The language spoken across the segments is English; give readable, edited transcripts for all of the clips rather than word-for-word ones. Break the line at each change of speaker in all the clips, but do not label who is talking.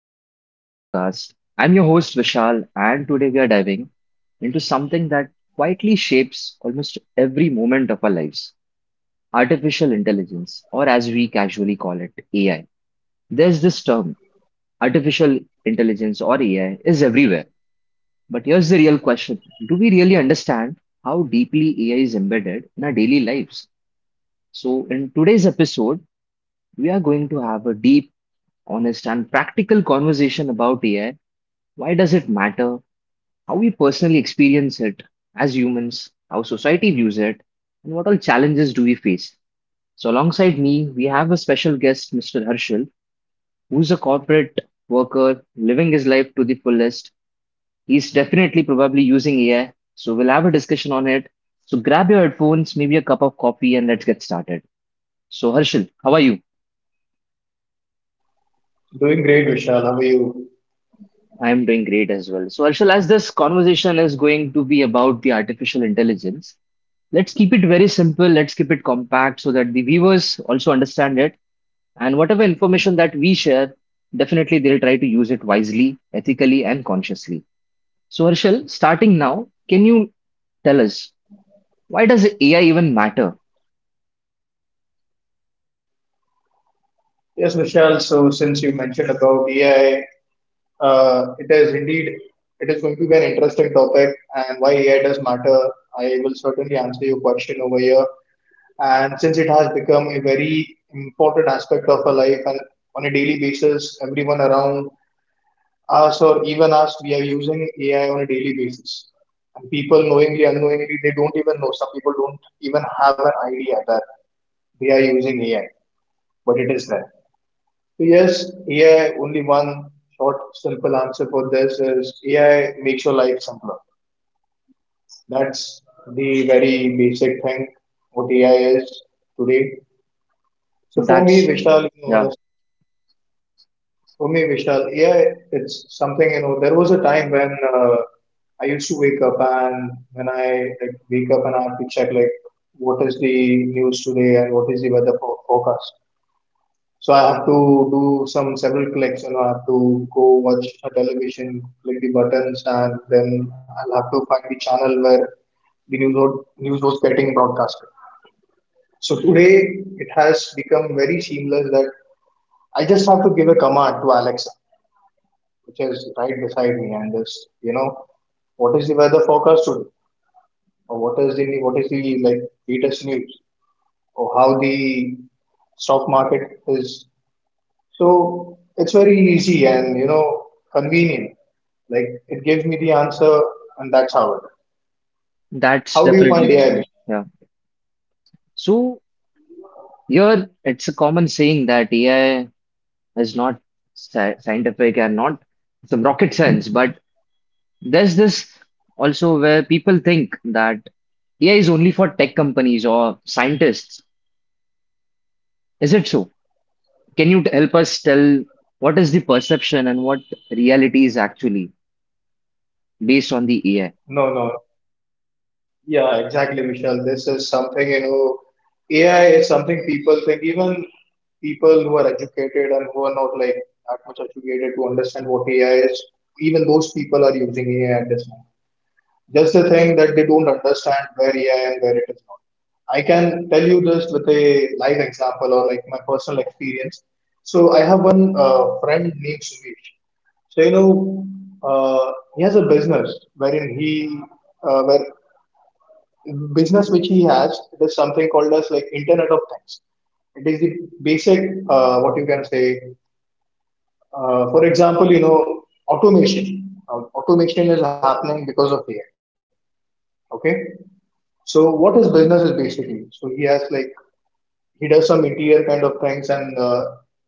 welcome back to the podcast. I'm your host Vishal, and today we are diving into something that quietly shapes almost every moment of our lives: artificial intelligence, or as we casually call it, AI. There's this term, artificial intelligence or AI, is everywhere. But here's the real question: do we really understand how deeply AI is embedded in our daily lives? So, in today's episode, we are going to have a deep, honest, and practical conversation about AI. Why does it matter? How we personally experience it as humans, how society views it, and what all challenges do we face? So, alongside me, we have a special guest, Mr. Harshal, who's a corporate worker living his life to the fullest. He's definitely probably using AI, so we'll have a discussion on it. So, grab your headphones, maybe a cup of coffee, and let's get started. So, Harshal, how are you?
Doing great, Vishal. How are you?
I am doing great as well. So, Arshal, as this conversation is going to be about the artificial intelligence, let's keep it very simple, let's keep it compact so that the viewers also understand it. And whatever information that we share, definitely they'll try to use it wisely, ethically, and consciously. So, Harshal, starting now, can you tell us why does AI even matter?
Yes, Vishal. So since you mentioned about AI, uh, it is indeed it is going to be an interesting topic, and why AI does matter. I will certainly answer your question over here. And since it has become a very important aspect of our life, and on a daily basis, everyone around us or even us, we are using AI on a daily basis. And people knowingly, unknowingly, they don't even know. Some people don't even have an idea that they are using AI, but it is there. Yes, AI, only one short, simple answer for this is AI makes your life simpler. That's the very basic thing what AI is today. So for me,
That's
Vishal, you know,
yeah,
for me, Vishal, AI, it's something, you know, there was a time when I used to wake up and I have to check like what is the news today and what is the weather forecast. So I have to do some several clicks, you know, I have to go watch a television, click the buttons, and then I'll have to find the channel where news was getting broadcasted. So today it has become very seamless that I just have to give a command to Alexa, which is right beside me, and just you know, what is the weather forecast today, or what is the latest news, or how the stock market is. So it's very easy and you know convenient. Like it gives me the answer, and that's how it.
that's
How do you find
definitely
AI,
true.
Vishal?
Yeah. So here it's a common saying that AI is not scientific and not some rocket science, but there's this also where people think that AI is only for tech companies or scientists. Is it so? Can you help us tell what is the perception and what reality is actually based on the AI?
No, no. Yeah, exactly, Vishal. This is something, you know. AI is something people think, even people who are educated and who are not like that much educated to understand what AI is. Even those people are using AI at this moment. Just the thing that they don't understand where AI and where it is. I can tell you this with a live example or like my personal experience. So I have one friend named Suresh. So you know, uh, he has a business wherein he, where business which he has, it is something called as like Internet of Things. It is the basic, what you can say. For example, you know, automation. Now, automation is happening because of AI. Okay. So what his business is basically, so he has like he does some interior kind of things and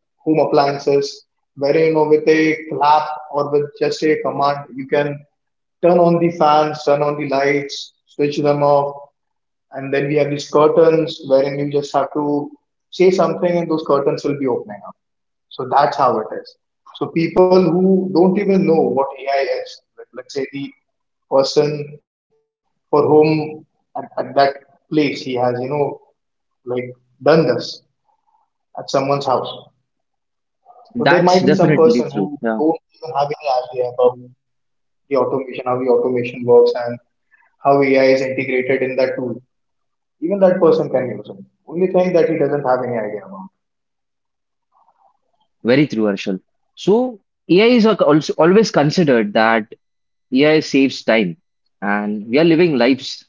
home appliances, wherein you know with a clap or with just a command you can turn on the fans, turn on the lights, switch them off, and then we have these curtains wherein you just have to say something and those curtains will be opening up. So that's how it is. So people who don't even know what AI is, like let's say the person for whom at that place he has, you know, like done this at someone's house. So there
That's
might be some
definitely
person
true.
who
Yeah,
don't even have any idea about the automation, how the automation works, and how AI is integrated in that tool. Even that person can use it. Only thing that he doesn't have any idea about.
very true, Arshal. So AI is also always considered that AI saves time, and we are living lives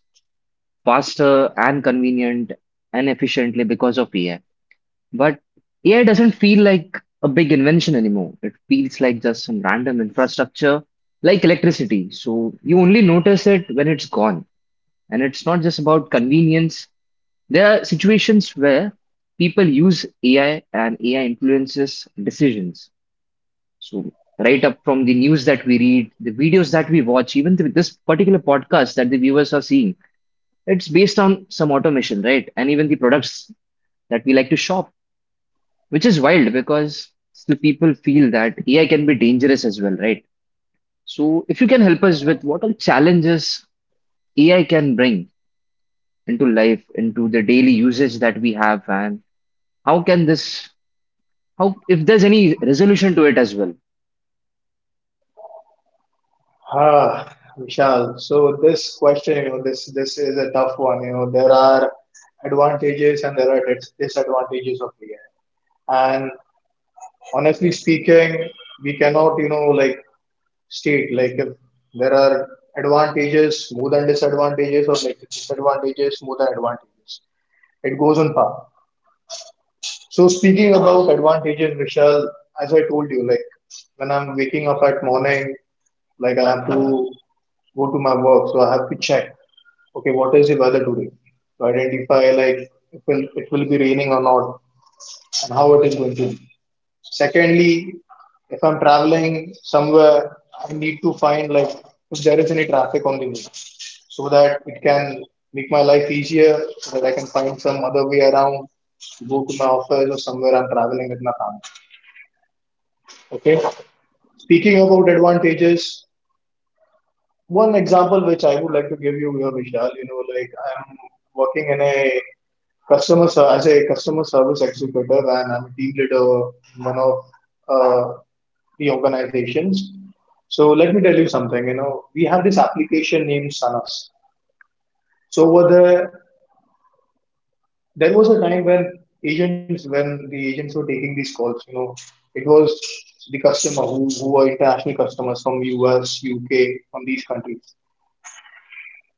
faster and convenient and efficiently because of AI. But AI doesn't feel like a big invention anymore. It feels like just some random infrastructure, like electricity. So you only notice it when it's gone. And it's not just about convenience. There are situations where people use AI and AI influences decisions. So right up from the news that we read, the videos that we watch, even this particular podcast that the viewers are seeing, it's based on some automation, right? And even the products that we like to shop. Which is wild because still people feel that AI can be dangerous as well, right? So if you can help us with what all challenges AI can bring into life, into the daily usage that we have, and how can this, how if there's any resolution to it as well.
Ah, Vishal. So this question, you know, this is a tough one. You know, there are advantages and there are disadvantages of AI. And honestly speaking, we cannot, you know, like state like if there are advantages more than disadvantages or like disadvantages more than advantages, it goes on par. So speaking about advantages, Vishal, as I told you, like when I'm waking up at morning, like I have to go to my work, so I have to check, okay, what is the weather today, to identify like it will, it will be raining or not, and how it is going to be. Secondly, if I'm traveling somewhere, I need to find like if there is any traffic on the way so that it can make my life easier, so that I can find some other way around, go to my office or somewhere I'm traveling with my family. Okay. Speaking about advantages, one example which I would like to give you here, Vishal, you know, like I'm working in a as a customer service executive and I'm a team leader in one of uh, the organizations. So let me tell you something. You know, we have this application named Sanas. So over there, there was a time when when the agents were taking these calls, you know, it was the customer who were international customers from US, UK, from these countries.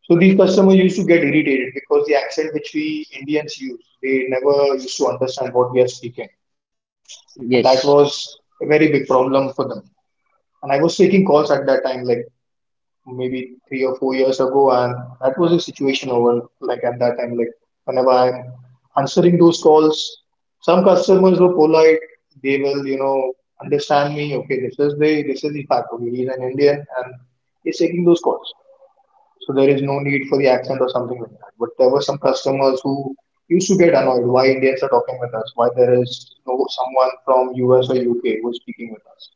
So these customers used to get irritated because the accent which we Indians use, they never used to understand what we are speaking, and that
Yes.
was a very big problem for them. And I was taking calls at that time, like maybe 3 or 4 years ago, and that was the situation over like at that time. Like whenever I'm answering those calls, some customers were polite. They will, you know, understand me. Okay, this is the fact. Okay, he's an Indian and he's taking those calls, so there is no need for the accent or something like that. But there were some customers who used to get annoyed why Indians are talking with us, why there is no someone from US or UK who is speaking with us.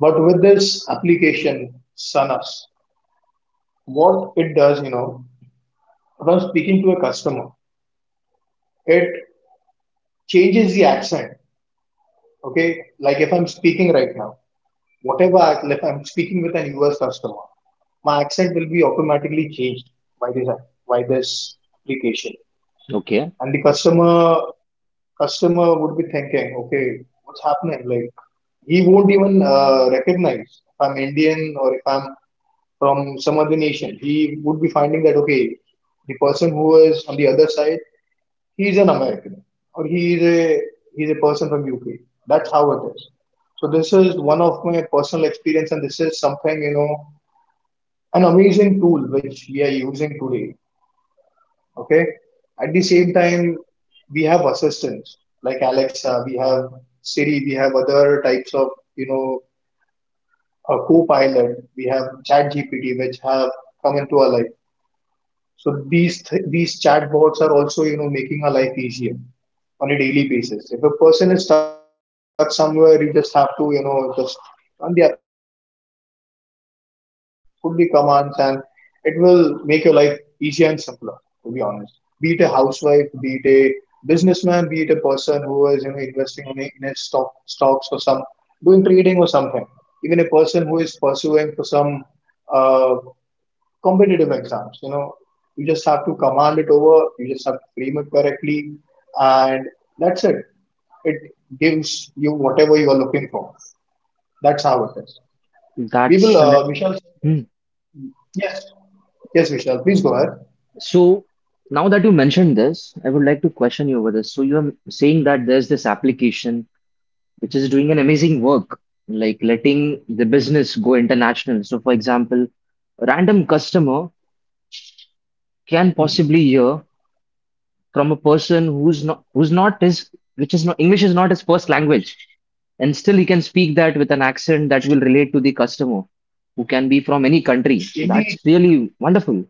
But with this application, Sanas, what it does, you know, if I'm speaking to a customer, it changes the accent. Okay, like if I'm speaking right now, if I'm speaking with an US customer, my accent will be automatically changed by by this application,
Okay.
and the customer would be thinking, okay, what's happening? Like he won't even recognize if I'm Indian or if I'm from some other nation. He would be finding that okay, the person who is on the other side, he's an American, or he's a person from UK. That's how it is. So this is one of my personal experience, and this is something, you know, an amazing tool which we are using today. Okay. At the same time, we have assistants like Alexa, we have Siri, we have other types of, you know, a co-pilot, we have ChatGPT, which have come into our life. So these chatbots are also, you know, making our life easier on a daily basis. If a person is stuck somewhere, you just have to, you know, just turn the application on, just put the commands, and it will make your life easier and simpler. To be honest, be it a housewife, be it a businessman, be it a person who is, you know, investing in a stock stocks or some doing trading or something, even a person who is pursuing for some uh, competitive exams. You know, you just have to command it over, you just have to frame it correctly, and that's it. It gives you whatever you are looking for. That's how it is. We will,
That's an
Vishal.
hmm.
Yes, yes, Vishal. Please go ahead.
So now that you mentioned this, I would like to question you over this. So you're saying that there's this application which is doing an amazing work, like letting the business go international. So, for example, a random customer can possibly
Mhm.
hear from a person who's not his, which is not, English is not his first language, and still he can speak that with an accent that will relate to the customer who can be from any country. So
Indeed,
that's really wonderful.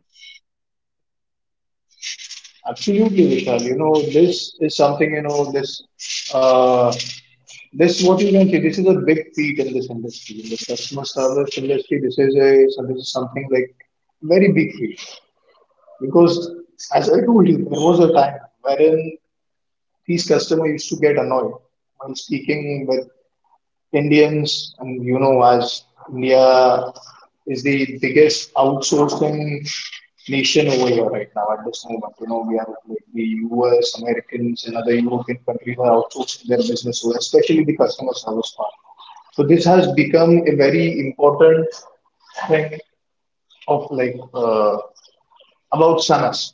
absolutely, Vishal. You know, this is something. You know, this. Uh, this, what you can say, this is a big feat in this industry, in the customer service industry. This is a, so this is something like very big feat. Because, as I told you, there was a time wherein these customers used to get annoyed when speaking with Indians, and you know, as India is the biggest outsourcing nation over here right now at this moment. You know, we are like the US, Americans, and other European countries are outsourcing their business, over, especially the customer service part. So this has become a very important thing of like about SANAS.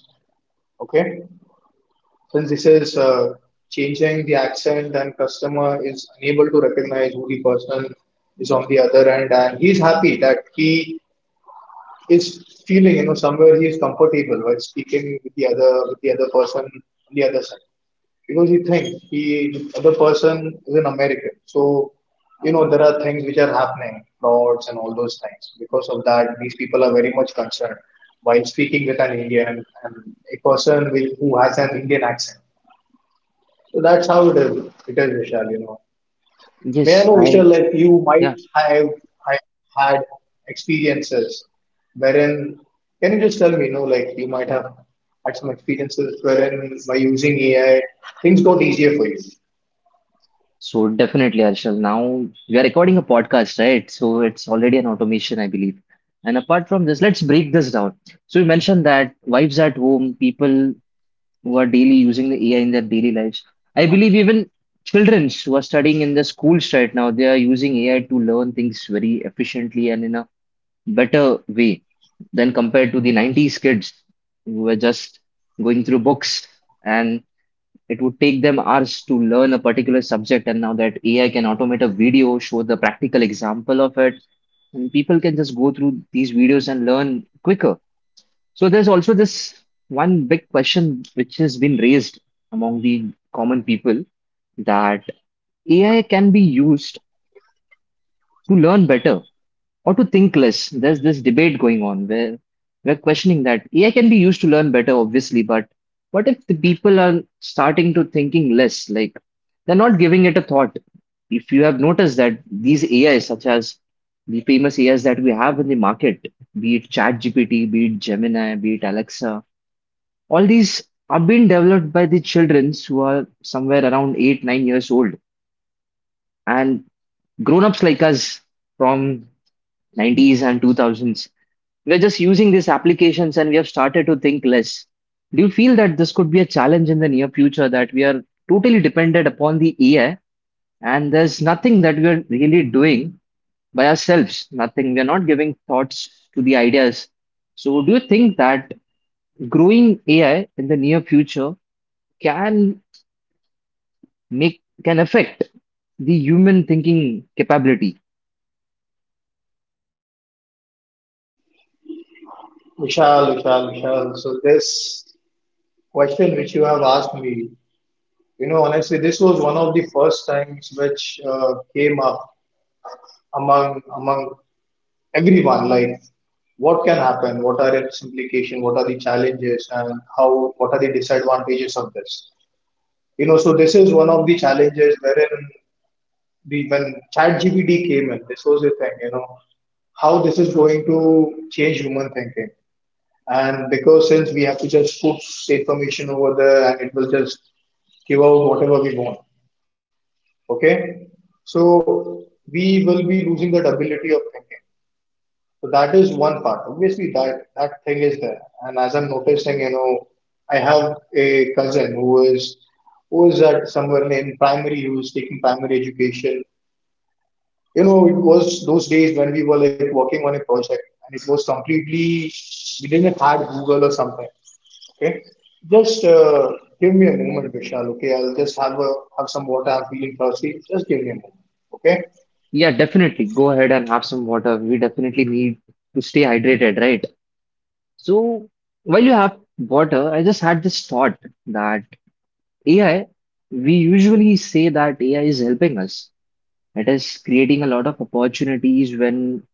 Okay, since this is changing the accent, and customer is unable to recognize who the person is on the other end, and he's happy that he is feeling, you know, somewhere he is comfortable while speaking with the other person on the other side, because he thinks he the other person is an American, so you know there are things which are happening, frauds and all those things. Because of that, these people are very much concerned while speaking with an Indian, and a person who has an Indian accent, so that's how it is. It is Vishal, you know. May I
Yes,
know, Vishal,
I,
like you might
yeah.
have, have had experiences wherein, can you just tell me, you know, like you might have had some experiences wherein by using AI, things got easier for you.
So definitely, Arshal. Now we are recording a podcast, right? So it's already an automation, I believe. And apart from this, let's break this down. So you mentioned that wives at home, people who are daily using the AI in their daily lives. I believe even children who are studying in the schools right now, they are using AI to learn things very efficiently and in a better way than compared to the 90s kids who were just going through books and. It would take them hours to learn a particular subject, and now that AI can automate a video, show the practical example of it, and people can just go through these videos and learn quicker. So there's also this one big question which has been raised among the common people that AI can be used to learn better or to think less. There's this debate going on where we're questioning that AI can be used to learn better, obviously, but what if the people are starting to thinking less? Like they're not giving it a thought. If you have noticed that these AIs, such as the famous AIs that we have in the market, be it ChatGPT, be it Gemini, be it Alexa, all these are being developed by the children who are somewhere around eight, nine years old. And grown-ups like us from 90s and 2000s, we're just using these applications and we have started to think less. Do you feel that this could be a challenge in the near future that we are totally dependent upon the AI and there's nothing that we are really doing by ourselves? Nothing. We're not giving thoughts to the ideas. So, do you think that growing AI in the near future can make can affect the human thinking capability?
Vishal, Vishal, Vishal. So this question which you have asked me, you know, honestly, this was one of the first times which came up among everyone, like what can happen, what are its implications, what are the challenges, and how what are the disadvantages of this, you know. So this is one of the challenges wherein the when ChatGPT came in, this was the thing, you know, how this is going to change human thinking. And because since we have to just put information over there and it will just give out whatever we want, okay, so we will be losing that ability of thinking. So that is one part. Obviously, that thing is there. And as I'm noticing, you know, I have a cousin who is at somewhere in primary, who is taking primary education. You know, it was those days when we were like working on a project, and it was completely we didn't have Google or something. Okay, just give me a moment, Vishal. Okay, I'll just have a have some water. I'm feeling thirsty. Just give me a moment. Okay.
Yeah, definitely. Go ahead and have some water. We definitely need to stay hydrated, right? So while you have water, I just had this thought that AI, we usually say that AI is helping us. It is creating a lot of opportunities when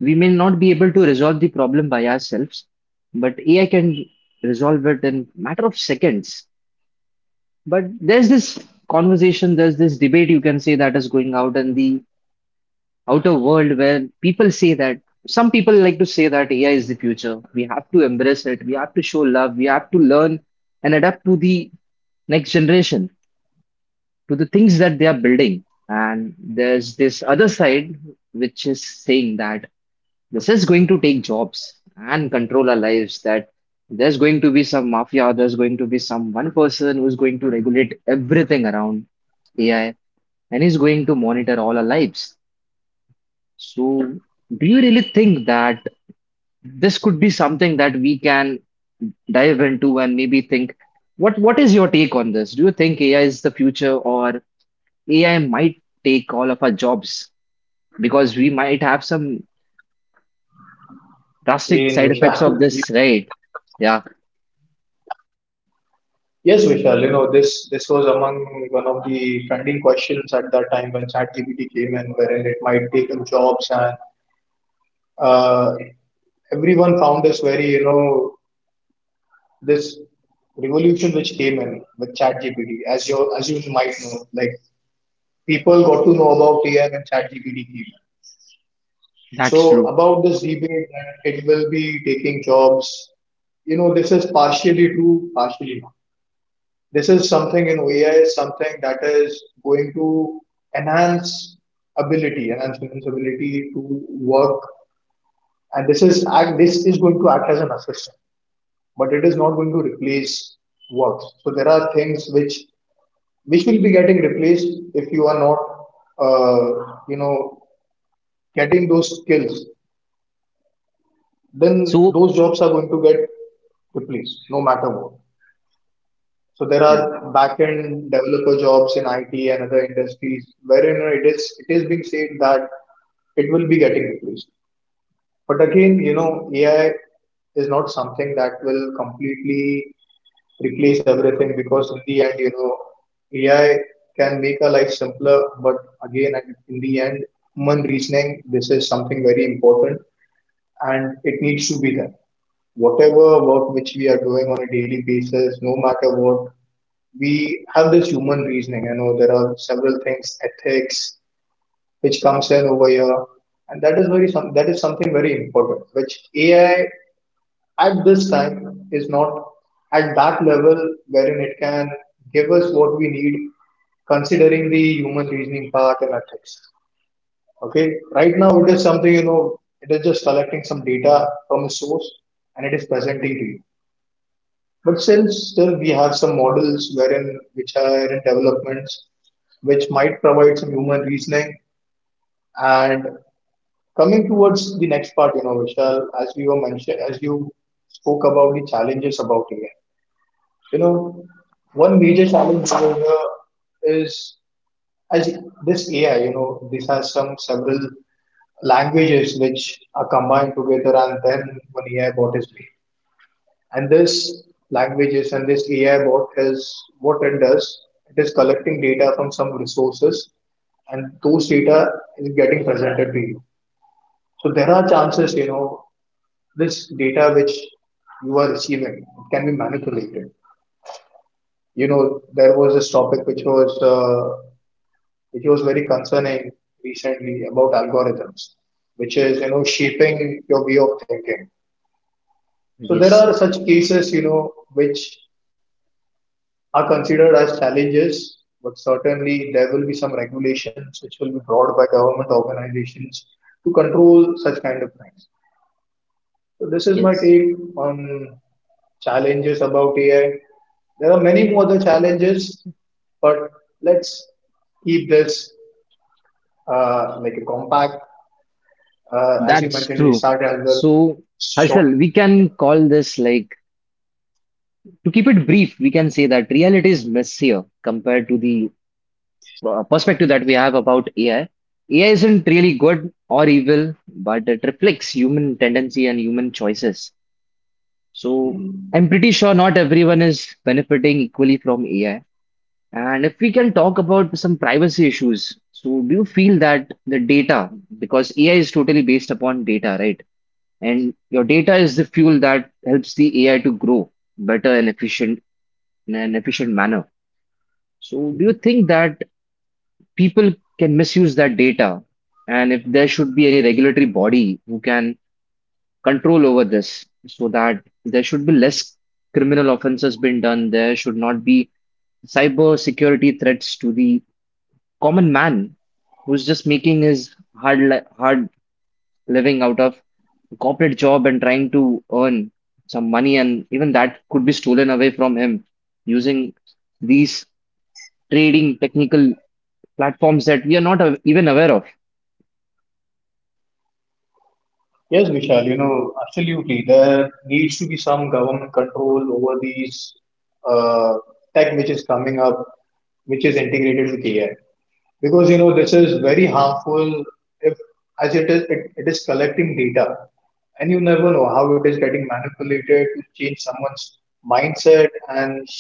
we may not be able to resolve the problem by ourselves, but AI can resolve it in matter of seconds. But there's this conversation, there's this debate you can say that is going out in the out a world where people say that some people like to say that AI is the future. We have to embrace it. We have to show love. We have to learn and adapt to the next generation, to the things that they are building. And there's this other side which is saying that this is going to take jobs and control our lives, that there's going to be some mafia, there's going to be some one person who's going to regulate everything around AI and is going to monitor all our lives. So, do you really think that this could be something that we can dive into and maybe think, what is your take on this? Do you think AI is the future or AI might take all of our jobs? Because we might have some drastic
Hey,
side effects of
Vishal.
this, right? Yeah,
Yes, Vishal, you know, this was among one of the trending questions at that time when ChatGPT came in, wherein it might take up jobs, and uh, everyone found this very, you know, this revolution which came in with ChatGPT, as you might know, like people got to know about AI when ChatGPT came in.
that's
So
true.
about this debate that it will be taking jobs, you know, this is partially true, partially not. This is something in OEI is something that is going to enhance ability, enhance women's ability to work, and this is act. This is going to act as an assistant, but it is not going to replace work. So there are things which will be getting replaced if you are not, you know, getting those skills. Then
So,
those jobs are going to get replaced, no matter what. So there
yeah,
are back-end developer jobs in IT and other industries wherein it is being said that it will be getting replaced. But again, you know, AI is not something that will completely replace everything because in the end, you know, AI can make our life simpler, but again, in the end, human reasoning, this is something very important and it needs to be done. Whatever work which we are doing on a daily basis, no matter what, we have this human reasoning. I know, there are several things, ethics, which comes in over here, and that is something very important, which AI at this time is not at that level wherein it can give us what we need, considering the human reasoning part and ethics. Okay, right now it is something, you know, it is just collecting some data from a source and it is presenting to you. But since still we have some models wherein which are in developments, which might provide some human reasoning. And coming towards the next part, you know, Vishal, as you spoke about the challenges about AI, you know, one major challenge over here is as this AI, you know, this has some several languages which are combined together and then one AI bot is made. And this languages and this AI bot is what it does. It is collecting data from some resources and those data is getting presented to you. So there are chances, you know, this data which you are receiving it can be manipulated. You know, there was this topic which was very concerning recently about algorithms, which is, you know, shaping your way of thinking. So there are
yes,
such cases, you know, which are considered as challenges, but certainly there will be some regulations which will be brought by government organizations to control such kind of things. So this is my
yes,
take on challenges about AI. There are many more other challenges, but let's keep this like a compact. As you
that's
mentioned, we
true.
started as well
So,
short.
Harshal, we can call this, like, to keep it brief, we can say that reality is messier compared to the perspective that we have about AI. AI isn't really good or evil, but it reflects human tendency and human choices. So I'm pretty sure not everyone is benefiting equally from AI. And if we can talk about some privacy issues, so do you feel that the data, because AI is totally based upon data, right? And your data is the fuel that helps the AI to grow better and efficient, in an efficient manner. So do you think that people can misuse that data, and if there should be any regulatory body who can control over this so that there should be less criminal offenses being done, there should not be cyber security threats to the common man who's just making his hard living out of a corporate job and trying to earn some money, and even that could be stolen away from him using these trading technical platforms that we are not even aware of?
Yes, Vishal, you know, absolutely. There needs to be some government control over these uh, tech which is coming up, which is integrated with AI. Because, you know, this is very harmful if, as it is, it is collecting data. And you never know how it is getting manipulated to change someone's mindset. And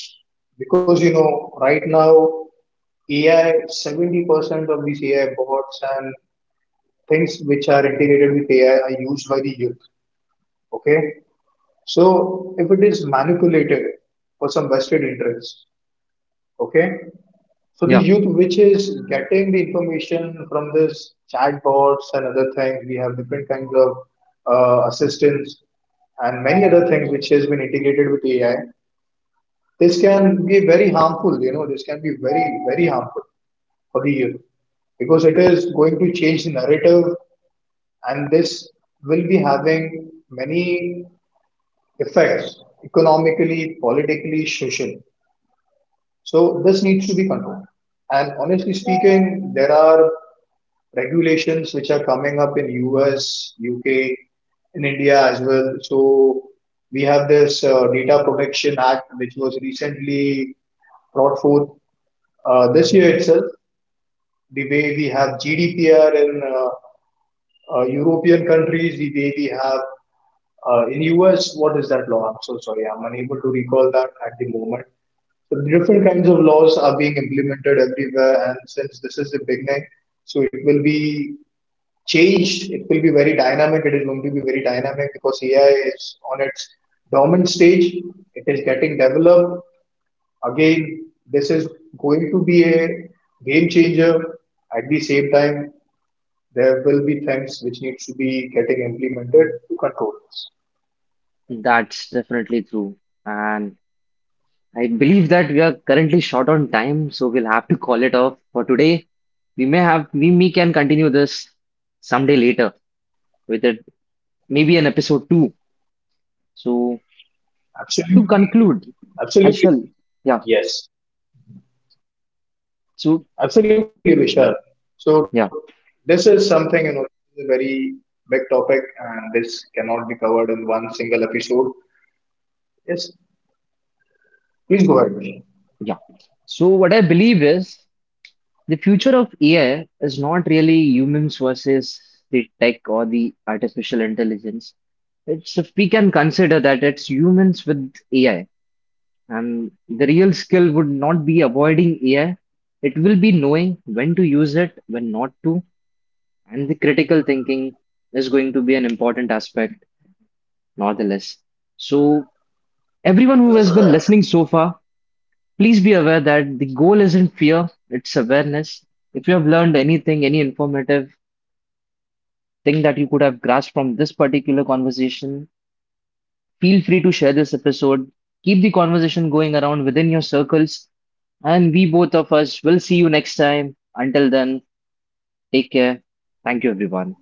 because, you know, right now, AI, 70% of these AI bots and things which are integrated with AI are used by the youth. Okay. So if it is manipulated for some vested interest, okay. So the
Yeah
youth which is getting the information from this chatbots and other things, we have different kinds of assistants and many other things which has been integrated with AI. This can be very harmful. You know, this can be very harmful for the youth because it is going to change the narrative and this will be having many effects economically, politically, social. So this needs to be controlled. And honestly speaking, there are regulations which are coming up in US, UK, in India as well. So we have this Data Protection Act, which was recently brought forth this year itself. The way we have GDPR in European countries, the way we have in US, what is that law? I'm so sorry, I'm unable to recall that at the moment. So different kinds of laws are being implemented everywhere, and since this is the beginning, so it will be changed. It will be very dynamic. It is going to be very dynamic because AI is on its dormant stage. It is getting developed. Again, this is going to be a game changer. At the same time, there will be things which needs to be getting implemented to control this.
That's definitely true. And I believe that we are currently short on time, so we'll have to call it off for today. We may have, we can continue this someday later with it, maybe an episode two. So to conclude,
Absolutely,
Harshal,
absolutely,
yeah,
yes.
so
Absolutely, Vishal.
yeah,
So this is something, you know, this is a very big topic, and this cannot be covered in one single episode. Yes, please go ahead.
yeah. So what I believe is the future of AI is not really humans versus the tech or the artificial intelligence. It's, if we can consider, that it's humans with AI. And the real skill would not be avoiding AI, it will be knowing when to use it, when not to. And the critical thinking is going to be an important aspect, not the less. So, everyone who has been listening so far, please be aware that the goal isn't fear, it's awareness. If you have learned anything, any informative thing that you could have grasped from this particular conversation, feel free to share this episode. Keep the conversation going around within your circles. And we, both of us, will see you next time. Until then, take care. Thank you, everyone.